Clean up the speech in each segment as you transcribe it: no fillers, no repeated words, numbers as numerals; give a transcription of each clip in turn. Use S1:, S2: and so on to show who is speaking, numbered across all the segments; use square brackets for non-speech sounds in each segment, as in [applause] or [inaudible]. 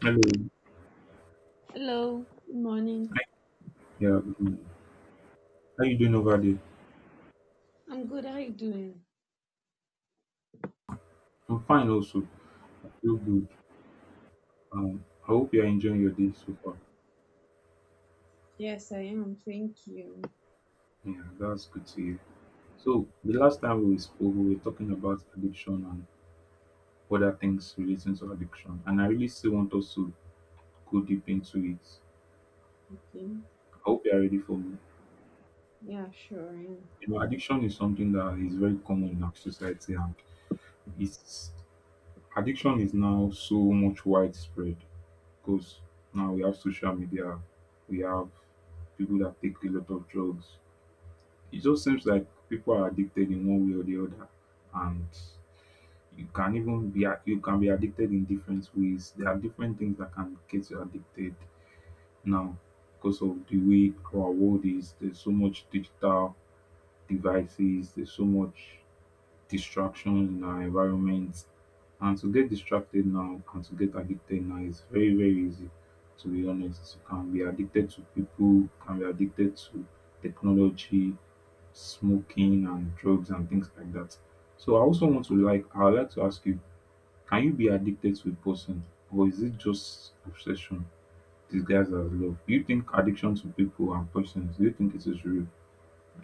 S1: Hello.
S2: Hello, good morning.
S1: Hi. Yeah. Mm. How you doing over there?
S2: I'm good. How you doing?
S1: I'm fine also. I feel good. I hope you're enjoying your day so far.
S2: Yes, I am. Thank you.
S1: Yeah, that's good to hear. So the last time we spoke, we were talking about addiction and other things relating to addiction, and I really still want us to go deep into it.
S2: Okay.
S1: I hope you're ready for me.
S2: Yeah, sure. I am.
S1: You know, addiction is something that is very common in our society, and it's addiction is now so much widespread, because now we have social media, we have people that take a lot of drugs. It just seems like people are addicted in one way or the other, and you can even you can be addicted in different ways. There are different things that can get you addicted now because of the way our world is. There's so much digital devices. There's so much distraction in our environment. And to get distracted now and to get addicted now is very, very easy, to be honest. You can be addicted to people, you can be addicted to technology, smoking and drugs and things like that. So I also want to like I would like to ask you, can you be addicted to a person, or is it just obsession disguised as love? Do you think addiction to people and persons, do you think it is real?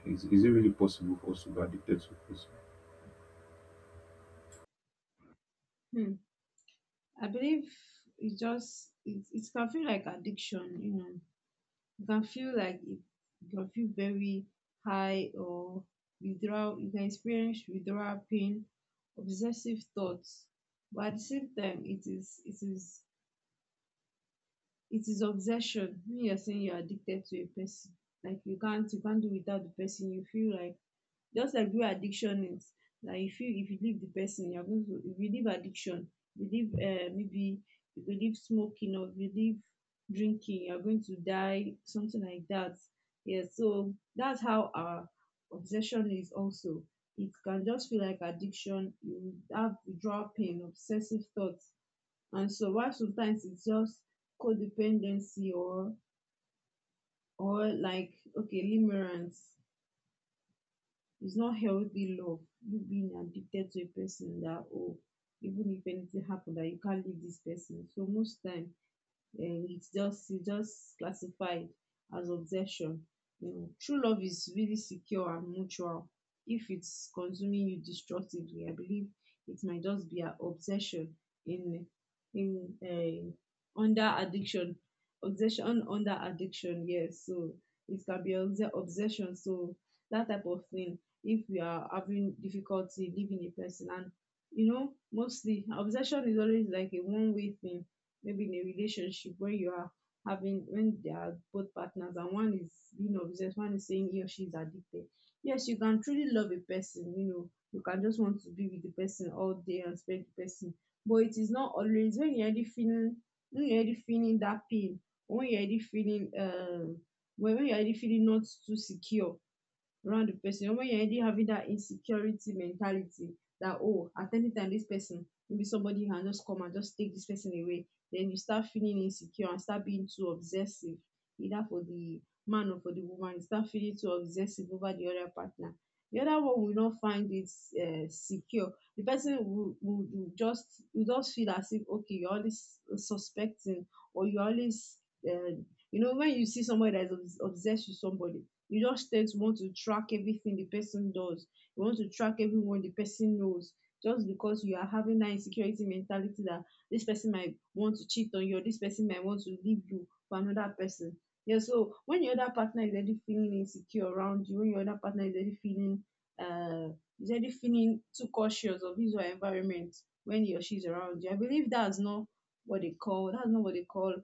S1: Is it really possible for us to be addicted to a person?
S2: Hmm. I believe it can feel like addiction. You know, you can feel like it, you can feel very high or withdrawal. You can experience withdrawal pain, obsessive thoughts. But at the same time, it is obsession. When you're saying you're addicted to a person, like you can't do without the person. You feel like Just like where addiction is, that if you leave the person, you're going to if you leave addiction, you leave maybe if you leave smoking or if you leave drinking, you're going to die, something like that. Yeah, so that's how our obsession is also. It can just feel like addiction. You have withdrawal pain, obsessive thoughts, and so while sometimes it's just codependency, or like, okay, limerence, it's not healthy love. You being addicted to a person that, oh, even if anything happened, that you can't leave this person. So most time it's just classified as obsession. True love is really secure and mutual. If it's consuming you destructively, I believe it might just be an obsession, in in under addiction. Obsession under addiction, yes. So it can be obsession. So that type of thing. If we are having difficulty leaving a person, and mostly obsession is always like a one way thing, maybe in a relationship where you are having, when there are both partners and one is being obsessed, one is saying he or she is addicted. Yes, you can truly love a person, you can just want to be with the person all day and spend the person. But it is not always, when you're already feeling that pain, when you're already feeling um when you're already feeling not too secure around the person. When you're already having that insecurity mentality that, oh, at any time, this person, maybe somebody can just come and just take this person away, then you start feeling insecure and start being too obsessive, either for the man or for the woman. You start feeling too obsessive over the other partner. The other one will not find it secure. The person will just feel as if, okay, you're always suspecting, or you're always, uh, you know, when you see somebody that is obsessed with somebody, it just takes want to track everything the person does. You want to track everyone the person knows. Just because you are having that insecurity mentality that this person might want to cheat on you, or this person might want to leave you for another person. Yeah, so when your other partner is already feeling insecure around you, when your other partner is already uh feeling too cautious of his or her environment when he or she is around you, I believe that's not what they call that's not what they call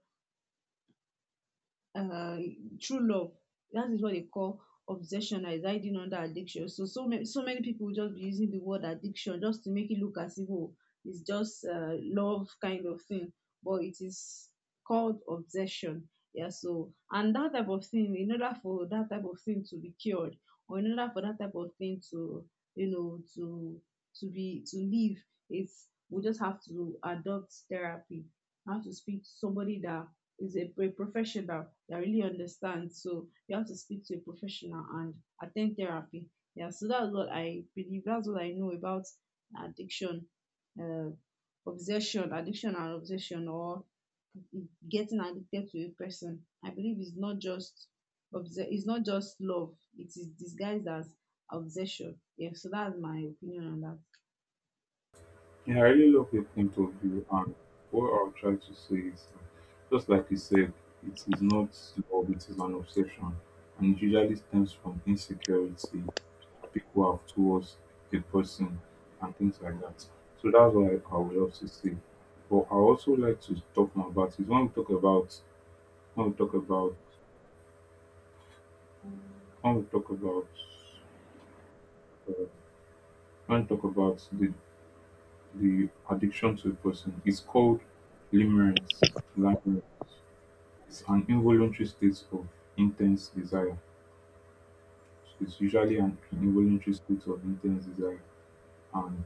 S2: uh, true love. That is what they call obsession, like is hiding under addiction. So so many people just be using the word addiction just to make it look as if, oh, it's just love kind of thing, but it is called obsession. Yeah. So, and that type of thing, in order for that type of thing to be cured, or in order for that type of thing you know to to be to live, it's we just have to adopt therapy. Have to speak to somebody that is a professional that really understands. So you have to speak to a professional and attend therapy. Yeah, so that's what I believe. That's what I know about addiction, uh, obsession, addiction and obsession, or getting addicted to a person. I believe it's not just love. It is disguised as obsession. Yeah, so that's my opinion on that.
S1: Yeah, I really love your point of view, and what I'll try to say is, just like you said, it is not love, it is an obsession, and it usually stems from insecurity that people have towards a person and things like that. So that's why I would love to say. But I also like to talk more about is when we talk about when we talk about when we talk about uh, when we talk about the addiction to a person, it's called limerence. Limerence. An involuntary state of intense desire. It's usually an involuntary state of intense desire. And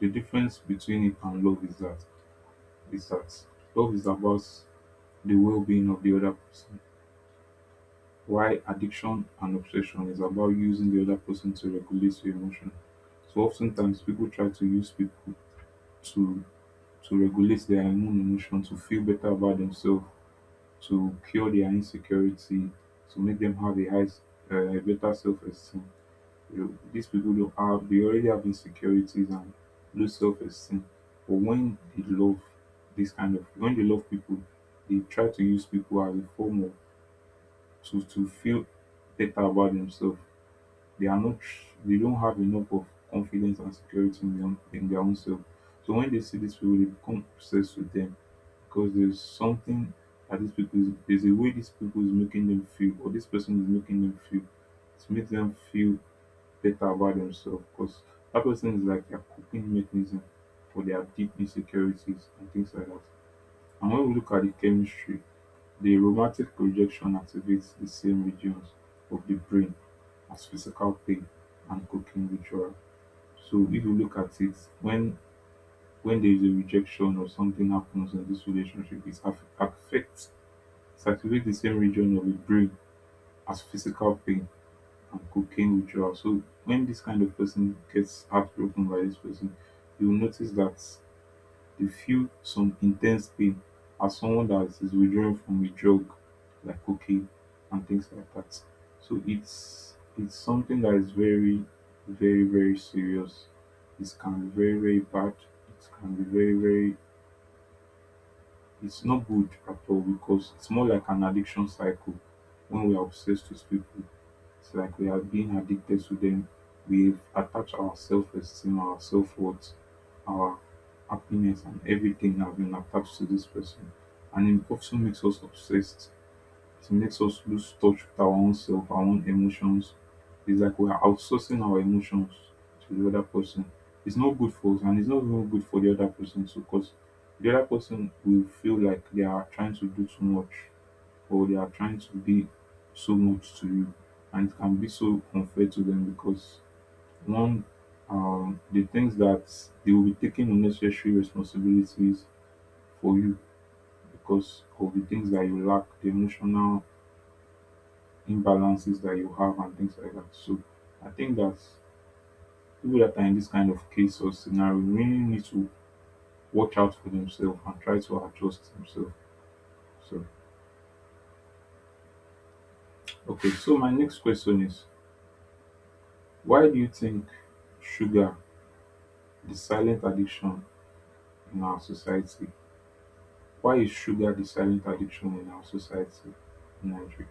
S1: the difference between it and love is that love is about the well-being of the other person, while addiction and obsession is about using the other person to regulate your emotion. So oftentimes people try to use people to to regulate their own emotion, to feel better about themselves, to cure their insecurity, to make them have a high, a better self-esteem. You know, these people don't have, they already have insecurities and low self-esteem. But when they love this kind of, when they love people, they try to use people as a form of to feel better about themselves. They are not, they don't have enough of confidence and security in their own self. So when they see these people, they become obsessed with them because there's something that these people is there's a way these people is making them feel, or this person is making them feel, it makes them feel better about themselves because that person is like their coping mechanism for their deep insecurities and things like that. And when we look at the chemistry, the romantic projection activates the same regions of the brain as physical pain and cooking ritual. So if you look at it, when there is a rejection or something happens in this relationship, affects circulate the same region of the brain as physical pain and cocaine withdrawal. So when this kind of person gets heartbroken by this person, you'll notice that they feel some intense pain as someone that is withdrawing from a drug like cocaine and things like that. So it's something that is very, very, very serious. It can be very, very bad. It can be very, very it's not good at all because it's more like an addiction cycle when we are obsessed with people. It's like we are being addicted to them. We've attached our self esteem, our self worth, our happiness, and everything have been attached to this person. And it also makes us obsessed. It makes us lose touch with our own self, our own emotions. It's like we are outsourcing our emotions to the other person. It's not good for us and it's not even good for the other person too because the other person will feel like they are trying to do too much or they are trying to be so much to you. And it can be so unfair to them because one, the things that they will be taking unnecessary responsibilities for you because of the things that you lack, the emotional imbalances that you have and things like that. So I think that people that are in this kind of case or scenario really need to watch out for themselves and try to adjust themselves. So okay, so my next question is, why do you think sugar the silent addiction in our society? Why is sugar the silent addiction in our society in Nigeria?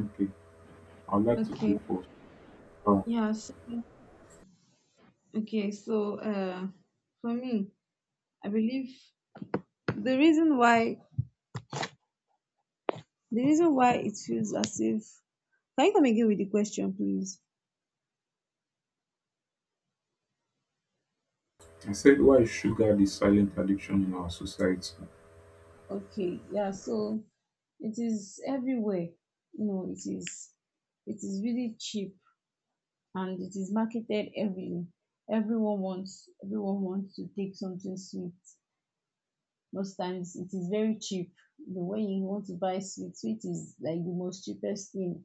S1: Okay, I'd like to go
S2: Okay.
S1: first. Uh,
S2: Yeah. So, okay. So, for me, I believe The reason why the reason why it feels as if. Can you come again with the question, please?
S1: I said, why is sugar the silent addiction in our society?
S2: Okay, yeah, so it is everywhere. You know, it is really cheap and it is marketed everywhere. Everyone wants to take something sweet. Most times it is very cheap. The way you want to buy sweet, sweet is like the most cheapest thing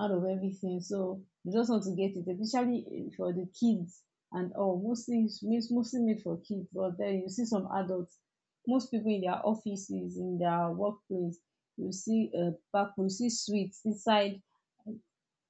S2: out of everything. So you just want to get it, especially for the kids and all. Mostly it's mostly made for kids, but then you see some adults. Most people in their offices, in their workplace, you see a pack, you see sweets inside,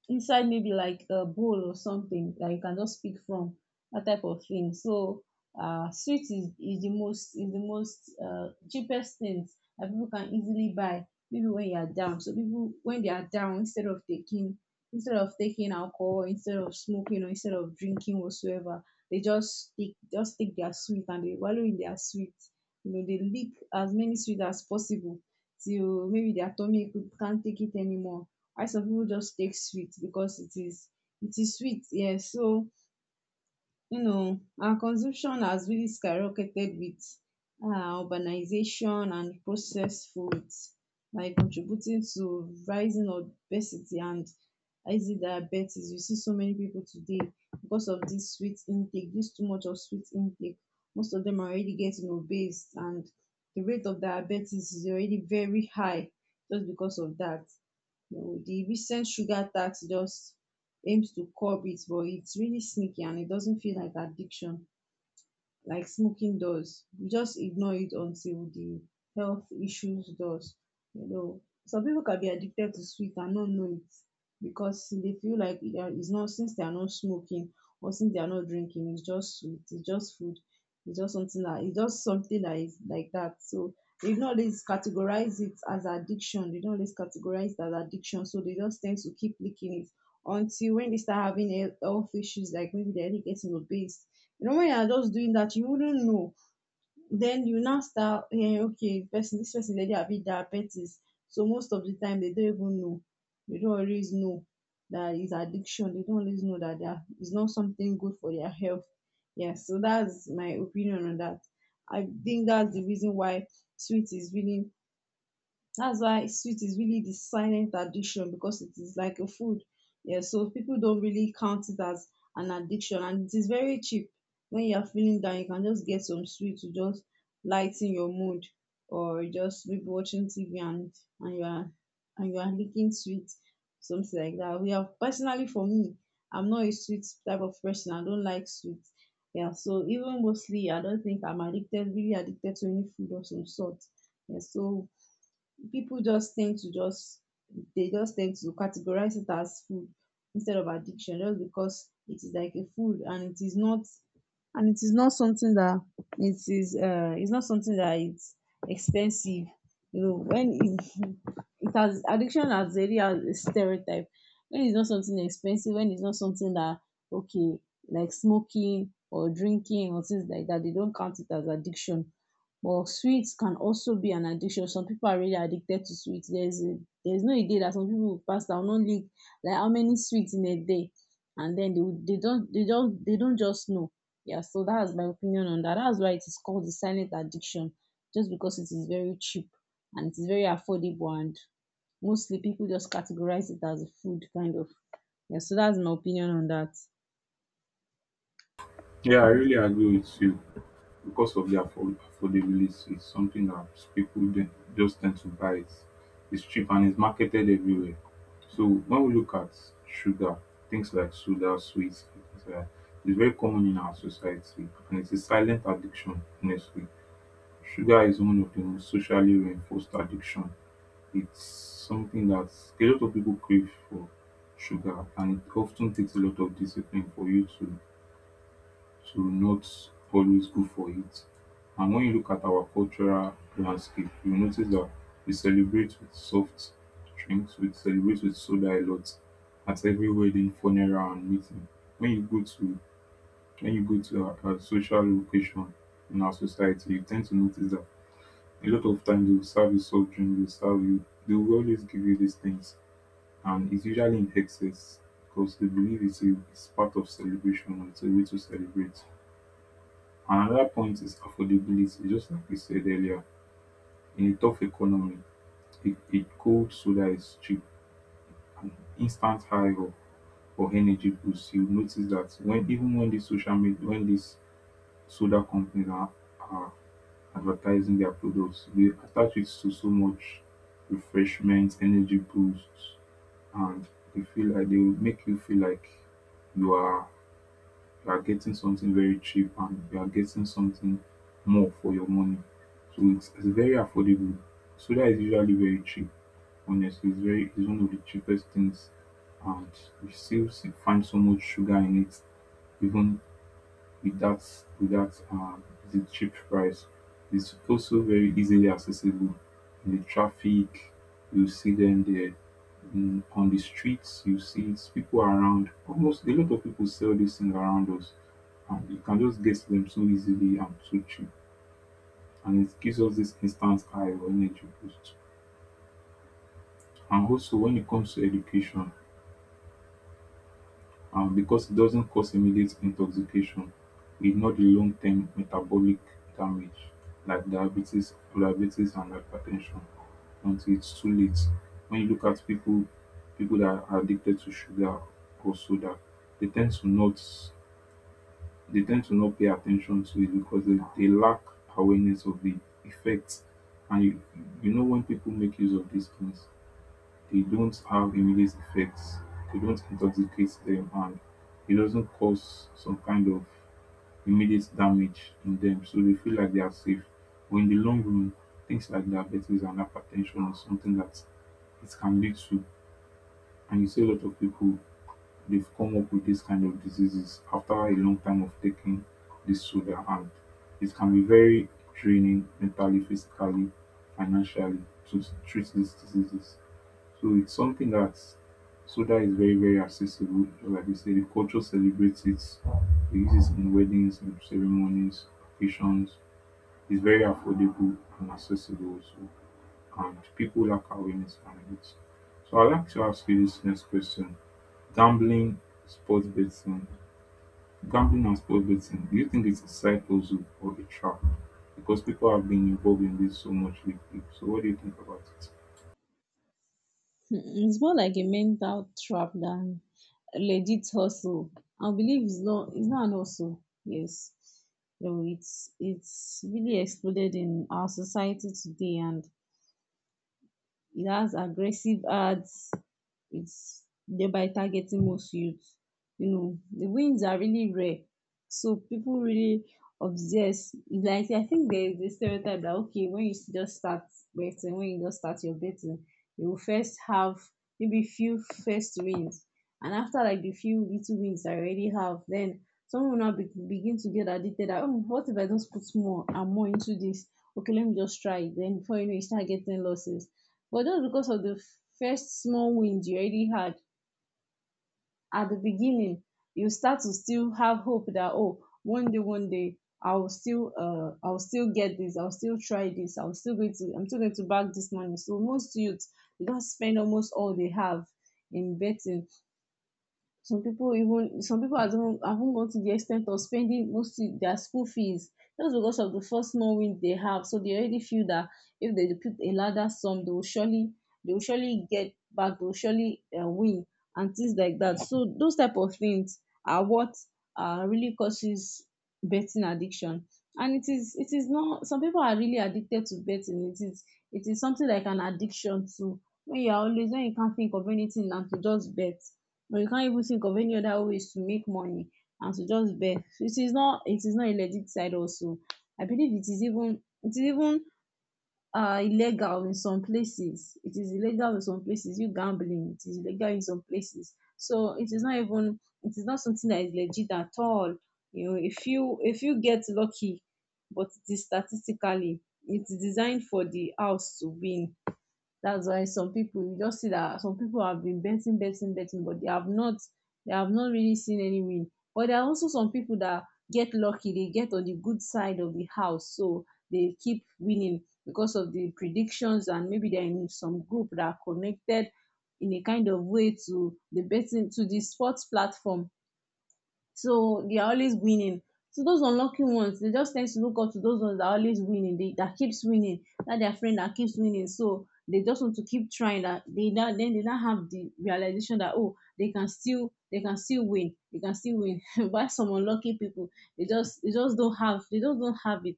S2: maybe like a bowl or something that you can just pick from, that type of thing. So sweet is the most cheapest things that people can easily buy, maybe when you are down. So people, when they are down, instead of taking alcohol, instead of smoking, or instead of drinking whatsoever, they just take their sweet, and they wallow in their sweet. You know, they lick as many sweets as possible till maybe their tummy can't take it anymore. Ice of people just take sweet because it is sweet. Yes. So, you know, our consumption has really skyrocketed with urbanization and processed foods, like contributing to rising obesity and easy diabetes. You see so many people today because of this sweet intake, this too much of sweet intake. Most of them are already getting obese, and the rate of diabetes is already very high just because of that. You know, the recent sugar tax just aims to curb it, but it's really sneaky, and it doesn't feel like addiction like smoking does. You just ignore it until the health issues does. You know, some people can be addicted to sweet and not know it because they feel like it's not, since they are not smoking, or since they are not drinking, it's just sweet, it's just food, it's just something that is like that. So they do not always categorize it as addiction. They don't always categorize it as addiction. So they just tend to keep licking it until when they start having health issues, like maybe they're getting obese. You know, when you are just doing that, you wouldn't know. Then you now start, yeah, okay, person, this person, already have it diabetes. So most of the time, they don't even know. They don't always know that it's addiction. They don't always know that they are, it's not something good for their health. Yeah, so that's my opinion on that. I think that's the reason why sweet is really sweet is really the silent addiction, because it is like a food. Yeah, so people don't really count it as an addiction, and it is very cheap. When you are feeling down, you can just get some sweet to just lighten your mood, or just maybe watching TV and you are and you are licking sweet, something like that. We have personally for me, I'm not a sweet type of person. I don't like sweet. Yeah, so even mostly I don't think I'm addicted, really addicted to any food of some sort. Yeah, so people just tend to categorize it as food instead of addiction, just because it is like a food, and it is not something that it's not something that it's expensive. You know, when it, [laughs] it has, addiction has already has a stereotype, when it's not something expensive, when it's not something that, okay, like smoking or drinking or things like that, they don't count it as addiction. But sweets can also be an addiction. Some people are really addicted to sweets. There's no a day that some people will pass down no lick, like how many sweets in a day, and then they will- they don't they don't they don't just know. Yeah, so that's my opinion on that. That's why it is called the silent addiction, just because it is very cheap and it is very affordable, and mostly people just categorize it as a food kind of. Yeah, so that's my opinion on that.
S1: Yeah, I really agree with you. Because of the affordability, it's something that people then just tend to buy it. It's cheap and it's marketed everywhere. So when we look at sugar, things like soda, sweets, and things like that, it's very common in our society and it's a silent addiction, honestly. Sugar is one of the most socially reinforced addiction. It's something that a lot of people crave for sugar, and it often takes a lot of discipline for you to not always go for it. And when you look at our cultural landscape, you notice that we celebrate with soft drinks, we celebrate with soda a lot at every wedding, funeral, and meeting. When you go to when you go to a social location in our society, you tend to notice that a lot of times they will serve you soft drink, they will serve you, they will always give you these things, and it's usually in excess because they believe it's, a, it's part of celebration and it's a way to celebrate. Another point is affordability. Just like we said earlier, in a tough economy, a cold soda is cheap, an instant high or energy boost. You notice that when even when these social media, when these soda companies are advertising their products, they attach it to so much refreshment, energy boosts, and they feel like they will make you feel like you are you are getting something very cheap and you are getting something more for your money. So it's very affordable. Solar is usually very cheap. Honestly, it's very it's one of the cheapest things, and you still find so much sugar in it, even with that, with that, um, the cheap price. It's also very easily accessible. In the traffic, you see them there. In, on the streets, you see it's people around. Almost a lot of people sell this thing around us, and you can just get them so easily and so cheap. And it gives us this instant high of energy boost. And also, when it comes to education, um, because it doesn't cause immediate intoxication, e the long-term metabolic damage like diabetes and hypertension. Ten until its too late, when you look at people, people that are addicted to sugar or soda, they tend to not they tend to not pay attention to it because they lack awareness of the effects. And you know, when people make use of these things, they don't have immediate effects, they don't intoxicate them, and it doesn't cause some kind of immediate damage in them. So they feel like they are safe. But in the long run, things like diabetes and hypertension or something that it can lead to, and you see a lot of people, they've come up with this kind of diseases after a long time of taking this soda, and it can be very draining mentally, physically, financially, to treat these diseases. So it's something that soda is very, very accessible. Like we say, the culture celebrates it. They use it in weddings, in ceremonies, occasions. It's very affordable and accessible also, and people lack awareness around it. So I'd like to ask you this next question. Gambling, sports betting, gambling and sports betting, do you think it's a cycle hustle or a trap? Because people have been involved in this so much lately. So what do you think about it?
S2: Hmm. It's more like a mental trap than a legit hustle. I believe it's not an hustle. Yes, no, it's really exploded in our society today, and it has aggressive ads. It's thereby targeting most youths. You know, the wins are really rare. So people really obsess. Like I think there is a stereotype that okay, when you just start betting, when you just start your betting, you will first have maybe few first wins, and after like the few little wins I already have, then someone will begin to get addicted. That, oh, what if I just put more and more into this? Okay, let me just try it. Then before you know, you start getting losses but just because of the first small win you already had at the beginning, you start to still have hope that oh, one day, one day I will still I will still get this, I will still try this, I'm still going to bag this money. So most youths they just spend almost all they have in betting. Some people have even gone to the extent of spending most of their school fees just because of the first small win they have, so they already feel that if they put a larger sum they will surely get back, they will surely win, and things like that. So those type of things are what really causes betting addiction. And it is not some people are really addicted to betting. It is it is something like an addiction to when you are always when you can't think of anything and to just bet but you can't even think of any other ways to make money and to just beg. So it is not a legit side also. I believe it is even illegal in some places. It is illegal in some places. You gambling, it is illegal in some places. So it is not something that is legit at all. You know, if you get lucky, but it is statistically it's designed for the house to win. That's why some people you just see that some people have been betting, betting, betting, but they have not really seen any win. But there are also some people that get lucky, they get on the good side of the house, so they keep winning because of the predictions, and maybe they're in some group that are connected in a kind of way to the betting, to the sports platform. So they are always winning. So those unlucky ones, they just tend to look up to those ones that are always winning, they, that keeps winning, that their friend that keeps winning. So they just want to keep trying. That they not, then they not have the realization that oh they can still win, they can still win. [laughs] But some unlucky people, they just don't have they just don't have it.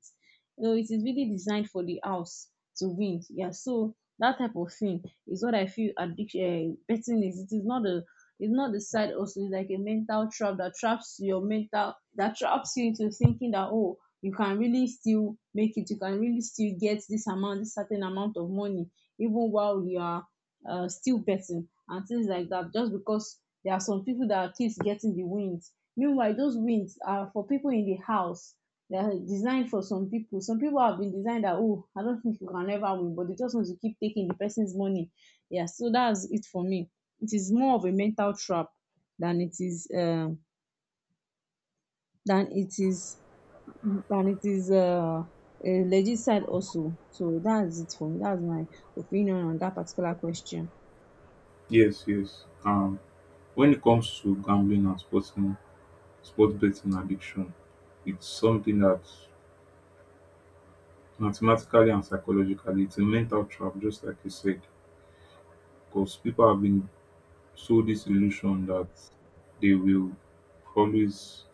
S2: So it is really designed for the house to win. Yeah. So that type of thing is what I feel addiction betting is. It is not a it's not the side also, it's like a mental trap that traps your mental, that traps you into thinking that oh you can really still make it, you can really still get this amount, this certain amount of money, even while you are still betting and things like that, just because there are some people that keeps getting the wins. Meanwhile, those wins are for people in the house. They are designed for some people. Some people have been designed that oh, I don't think you can ever win, but they just want to keep taking the person's money. Yeah, so that's it for me. It is more of a mental trap than it is um than it is than it is a legit side also. So that's it for me. That's my opinion on that particular question.
S1: Yes, yes. When it comes to gambling and sports, sports betting addiction, it's something that mathematically and psychologically, it's a mental trap, just like you said, because people have been. So this illusion that they will always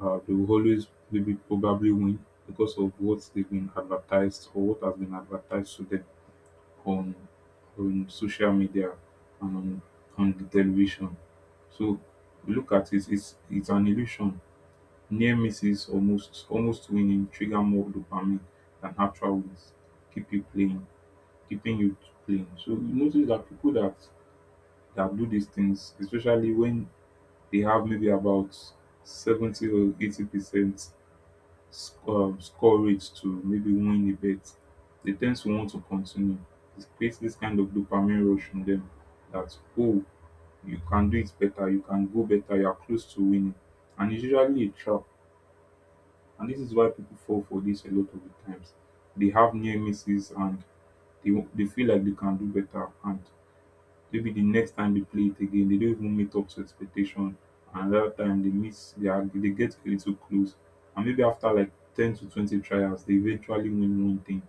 S1: they will always maybe probably win because of what they've been advertised or what has been advertised to them on on social media and on the television. So we look at it, it's an illusion. Near misses, almost winning, trigger more dopamine than actual wins. Keep you playing, keeping you playing. So you notice that people that do these things, especially when they have maybe about 70 or 80% courage to maybe win a bet, they tend to want to continue. It creates this kind of dopamine rush in them that, oh, you can do it better, you can go better, you are close to winning. And it's usually a trap. And this is why people fall for this a lot of the times. They have near misses and they feel like they can do better, and maybe the next time they play it again, they don't even meet up to expectation. And that time they miss, they get a little close. And maybe after like 10 to 20 trials, they eventually win one thing.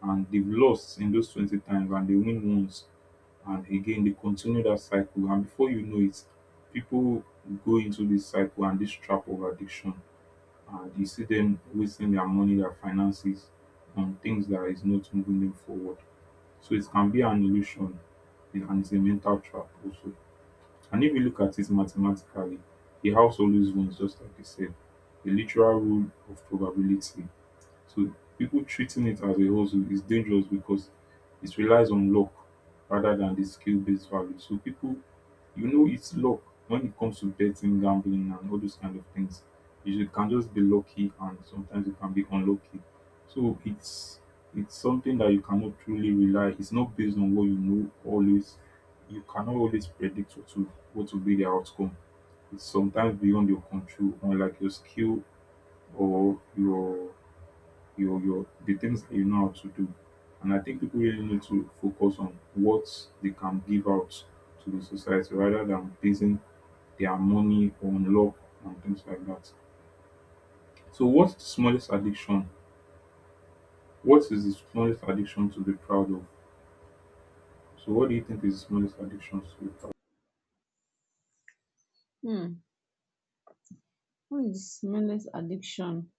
S1: And they've lost in those 20 times and they win once. And again, they continue that cycle. And before you know it, people go into this cycle and this trap of addiction. And you see them wasting their money, their finances on things that is not moving them forward. So it can be an illusion, and it's a mental trap also. And if you look at it mathematically, the house always wins, just like you said. The literal rule of probability. So people treating it as a hustle is dangerous because it relies on luck rather than the skill based value. So people, you know, it's luck when it comes to betting, gambling, and all those kind of things. You should- can just be lucky, and sometimes you can be unlucky. So it's something that you cannot truly rely. It's not based on what you know always. You cannot always predict what to what will be the outcome. It's sometimes beyond your control, unlike your skill or your your the things that you know how to do. And I think people really need to focus on what they can give out to the society rather than basing their money on luck and things like that. So what's the smallest addiction? What is the smallest addiction to be proud of? So what do you think is the smallest addiction to be proud of?
S2: Hmm. What is mindless addiction?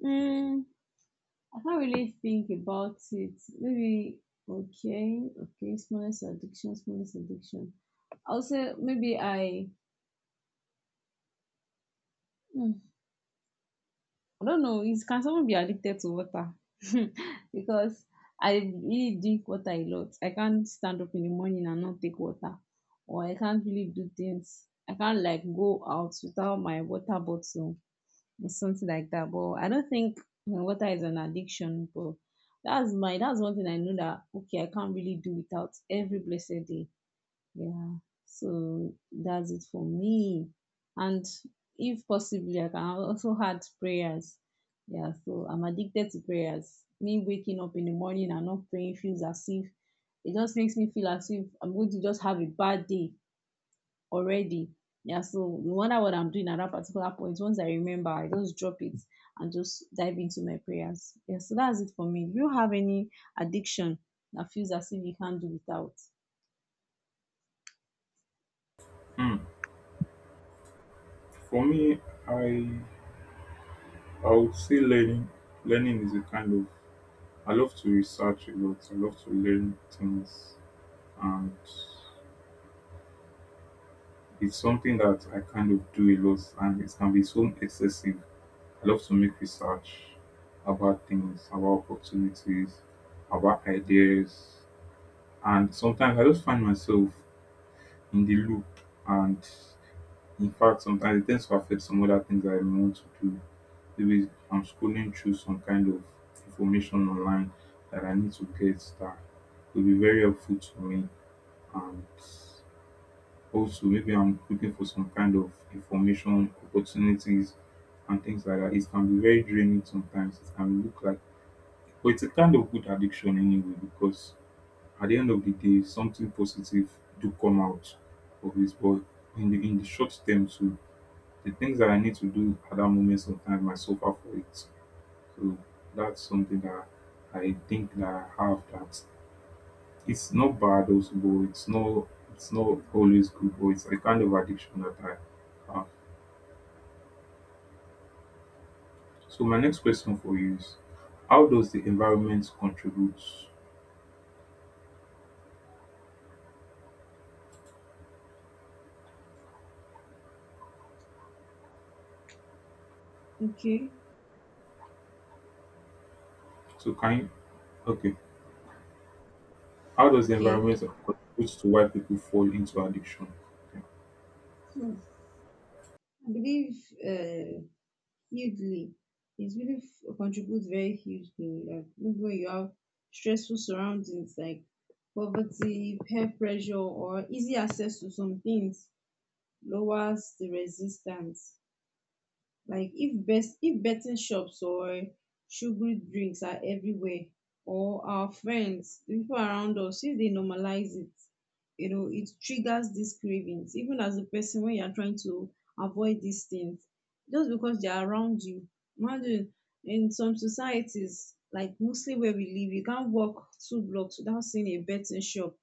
S2: Hmm. I can't really think about it. Maybe okay, okay, smallest addiction, smallest addiction. I'll say maybe I hmm, I don't know. Is can someone be addicted to water? [laughs] Because I really drink water a lot. I can't stand up in the morning and not take water, or I can't really do things. I can't like go out without my water bottle or something like that. But I don't think water is an addiction. But that's one thing I know that okay I can't really do without every blessed day. Yeah, so that's it for me. And if possibly, I can also add prayers. Yeah, so I'm addicted to prayers. Me waking up in the morning and not praying feels as if it just makes me feel as if I'm going to just have a bad day already. Yeah, so no wonder what I'm doing at that particular point. Once I remember, I just drop it and just dive into my prayers. Yeah, so that's it for me. Do you have any addiction that feels as if you can't do without?
S1: Hmm. For me, I I would say learning. Learning is a kind of, I love to research a lot. I love to learn things, and it's something that I kind of do a lot and it can be so excessive. I love to make research about things, about opportunities, about ideas. And sometimes I just find myself in the loop. And in fact, sometimes it tends to affect some other things that I may want to do. Maybe I'm scrolling through some kind of information online that I need to get, that will be very helpful to me. Also maybe I'm looking for some kind of information, opportunities, and things like that. It can be very draining sometimes. It can look like, but it's a kind of good addiction anyway, because at the end of the day, something positive do come out of it. But in the short term too, the things that I need to do at that moment sometimes I suffer for it. So that's something that I think that I have, that it's not bad also, but it's not, it's not always good, but it's a kind of addiction that I have. So my next question for you is how does the environment contribute?
S2: Okay,
S1: So can you, okay. How does the
S2: okay.
S1: environment contribute to why people fall into addiction? Okay.
S2: Hmm. I believe uh, hugely. It really contributes very hugely. Like maybe when you have stressful surroundings like poverty, peer pressure, or easy access to some things, lowers the resistance. Like if betting shops or sugary drinks are everywhere, or our friends, the people around us, if they normalize it, you know, it triggers these cravings. Even as a person when you're trying to avoid these things, just because they're around you. Imagine in some societies, like mostly where we live, you can't walk two blocks without seeing a betting shop,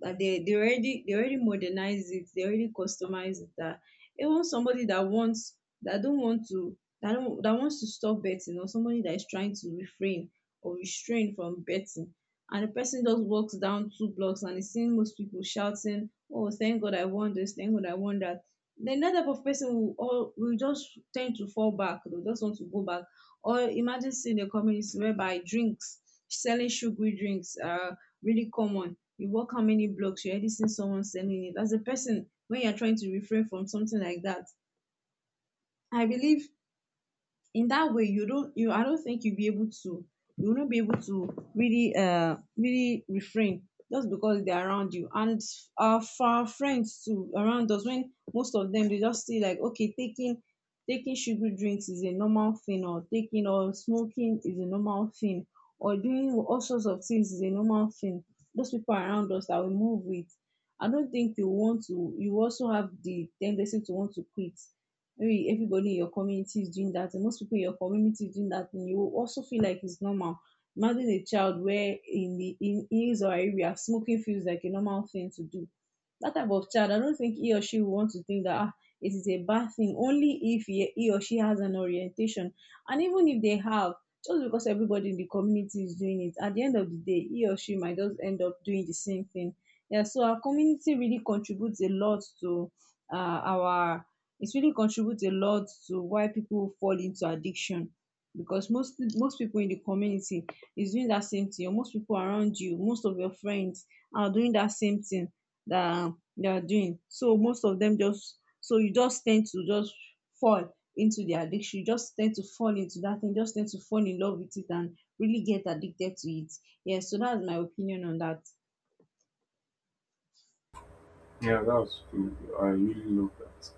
S2: but they already modernize it, they already customize it that even somebody that wants that don't want to that don't that wants to stop betting, or somebody that is trying to refrain or restrain from betting, and the person just walks down two blocks and is seeing most people shouting, oh, thank God I won this, thank God I won that. Then that type of person will just tend to fall back, they'll just want to go back. Or imagine seeing a community whereby drinks, selling sugary drinks are really common, you walk how many blocks you already seen someone selling it, as a person when you're trying to refrain from something like that, I believe in that way you don't you I don't think you will not be able to really really refrain just because they're around you. And for our friends too around us, when most of them they just see like okay taking sugary drinks is a normal thing, or taking or smoking is a normal thing, or doing all sorts of things is a normal thing, those people around us that we move with, I don't think you want to you also have the tendency to want to quit. Maybe everybody in your community is doing that, and most people in your community is doing that, and you will also feel like it's normal. Imagine a child where in his or her area smoking feels like a normal thing to do, that type of child I don't think he or she will want to think that ah, it is a bad thing, only if he or she has an orientation, and even if they have, just because everybody in the community is doing it, at the end of the day he or she might just end up doing the same thing. Yeah, so our community really contributes a lot to our it really contributes a lot to why people fall into addiction, because most people in the community is doing that same thing, or most people around you, most of your friends are doing that same thing that they are doing. So most of them just so you just tend to just fall into the addiction, you just tend to fall into that thing, just tend to fall in love with it and really get addicted to it. Yes, so that's my opinion on that.
S1: Yeah, that's cool. I really love that.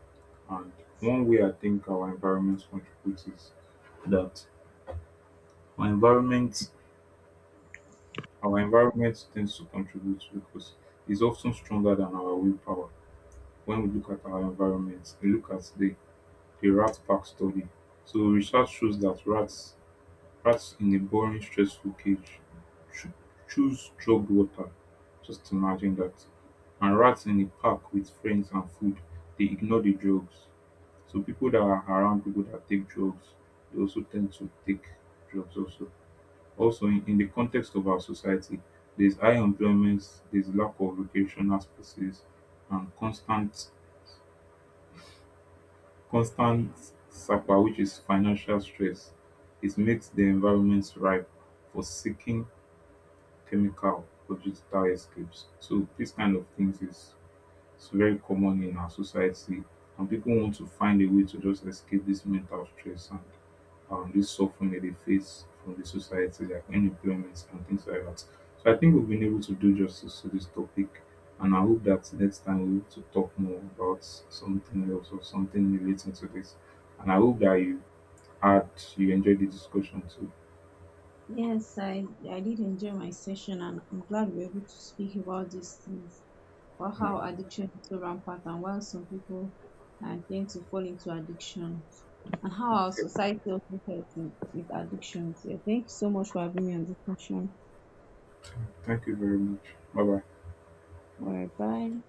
S1: And one way I think our environment contributes is that our environment our environment tends to contribute because it's often stronger than our willpower. When we look at our environment, we look at the rat pack study. So research shows that rats in a boring, stressful cage cho- choose drugged water. Just imagine that. And rats in a park with friends and food, they ignore the drugs. So people that are around people that take drugs, they also tend to take drugs also. Also in the context of our society, there's high employment, there's lack of recreational spaces, and constant. Constant sapa, which is financial stress, it makes the environment ripe for seeking chemical or digital escapes. So this kind of things is, it's very common in our society, and people want to find a way to just escape this mental stress and this suffering that they face from the society, like unemployment and things like that. So I think we've been able to do justice to this topic, and I hope that next time we will to talk more about something else or something relating to this. And I hope that you had you enjoyed the discussion too.
S2: Yes, I did enjoy my session, and I'm glad we are able to speak about these things, about
S1: Yeah.
S2: how addiction is so rampant, and why some people tend to fall into addiction, and how our
S1: Okay.
S2: society also helps in, with addictions. Yeah, thank you so much for having me on this session.
S1: Thank you very much. Bye bye.
S2: All right, bye.